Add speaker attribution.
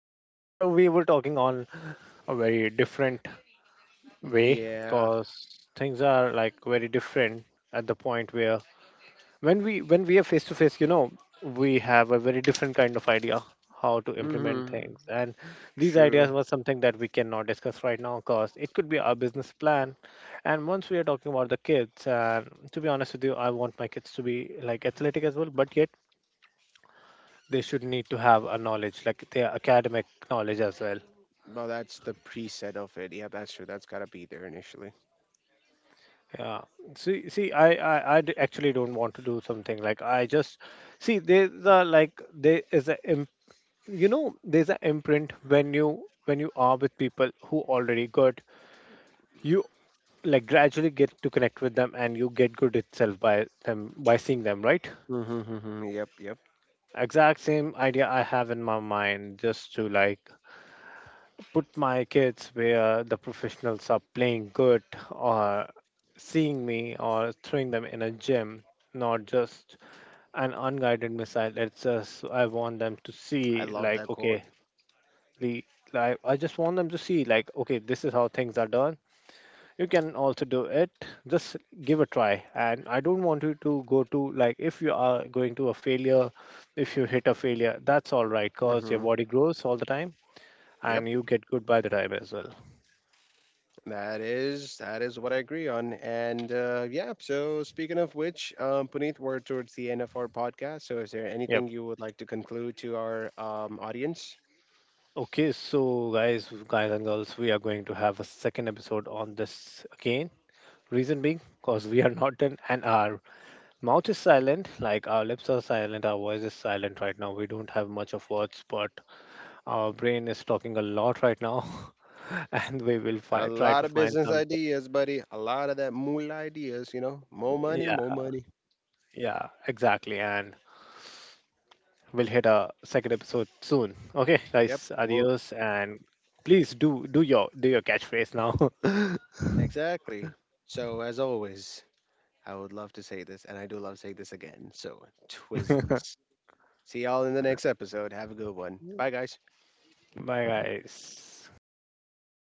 Speaker 1: Now we were talking on a very different way
Speaker 2: Yeah.
Speaker 1: because things are like very different at the point where when we are face to face, you know, we have a very different kind of idea how to implement
Speaker 2: Hmm.
Speaker 1: things. And these
Speaker 2: True.
Speaker 1: ideas were something that we cannot discuss right now because it could be our business plan. And once we are talking about the kids, and to be honest with you, I want my kids to be like athletic as well, but yet they should need to have a knowledge like their academic knowledge as well.
Speaker 2: Well, that's the preset of it. Yeah, that's true. That's gotta be there initially.
Speaker 1: Yeah, see, actually don't want to do something like I just see there's a like there is a you know, there's an imprint when you are with people who already good, you like gradually get to connect with them and you get good itself by them by seeing them, right?
Speaker 2: Mm-hmm, mm-hmm. Yep, yep.
Speaker 1: Exact same idea I have in my mind, just to like put my kids where the professionals are playing good, or seeing me or throwing them in a gym, not just an unguided missile. It's just I want them to
Speaker 2: I
Speaker 1: see
Speaker 2: love
Speaker 1: like,
Speaker 2: that quote.
Speaker 1: okay, the like I just want them to see like, okay, this is how things are done. You can also do it. Just give a try. And I don't want you to go to like, if you are going to a failure, if you hit a failure, that's all right because your
Speaker 2: Hmm.
Speaker 1: body grows all the time
Speaker 2: Yep,
Speaker 1: and you get good by the time as well.
Speaker 2: that is what I agree on. So speaking of which, Puneet, we're towards the end of our podcast. So is there
Speaker 1: Yep.
Speaker 2: anything you would like to conclude to our audience?
Speaker 1: Okay, so guys, guys and girls, we are going to have a second episode on this again. Reason being, because we are not done and our mouth is silent, like our lips are silent, our voice is silent right now. We don't have much of words, but our brain is talking a lot right now, and we will
Speaker 2: A
Speaker 1: try to
Speaker 2: lot of
Speaker 1: find
Speaker 2: business
Speaker 1: something.
Speaker 2: ideas, buddy. A lot of that moolah ideas. You know, more money,
Speaker 1: Yeah,
Speaker 2: more money.
Speaker 1: yeah, exactly. And we'll hit a second episode soon. Okay,
Speaker 2: Yep,
Speaker 1: guys,
Speaker 2: we'll
Speaker 1: adios, and please do your catchphrase now.
Speaker 2: Exactly. So, as always, I would love to say this, and I do love saying this again. So, twisms. See y'all in the next episode. Have a good one. Bye, guys.
Speaker 1: Bye, guys.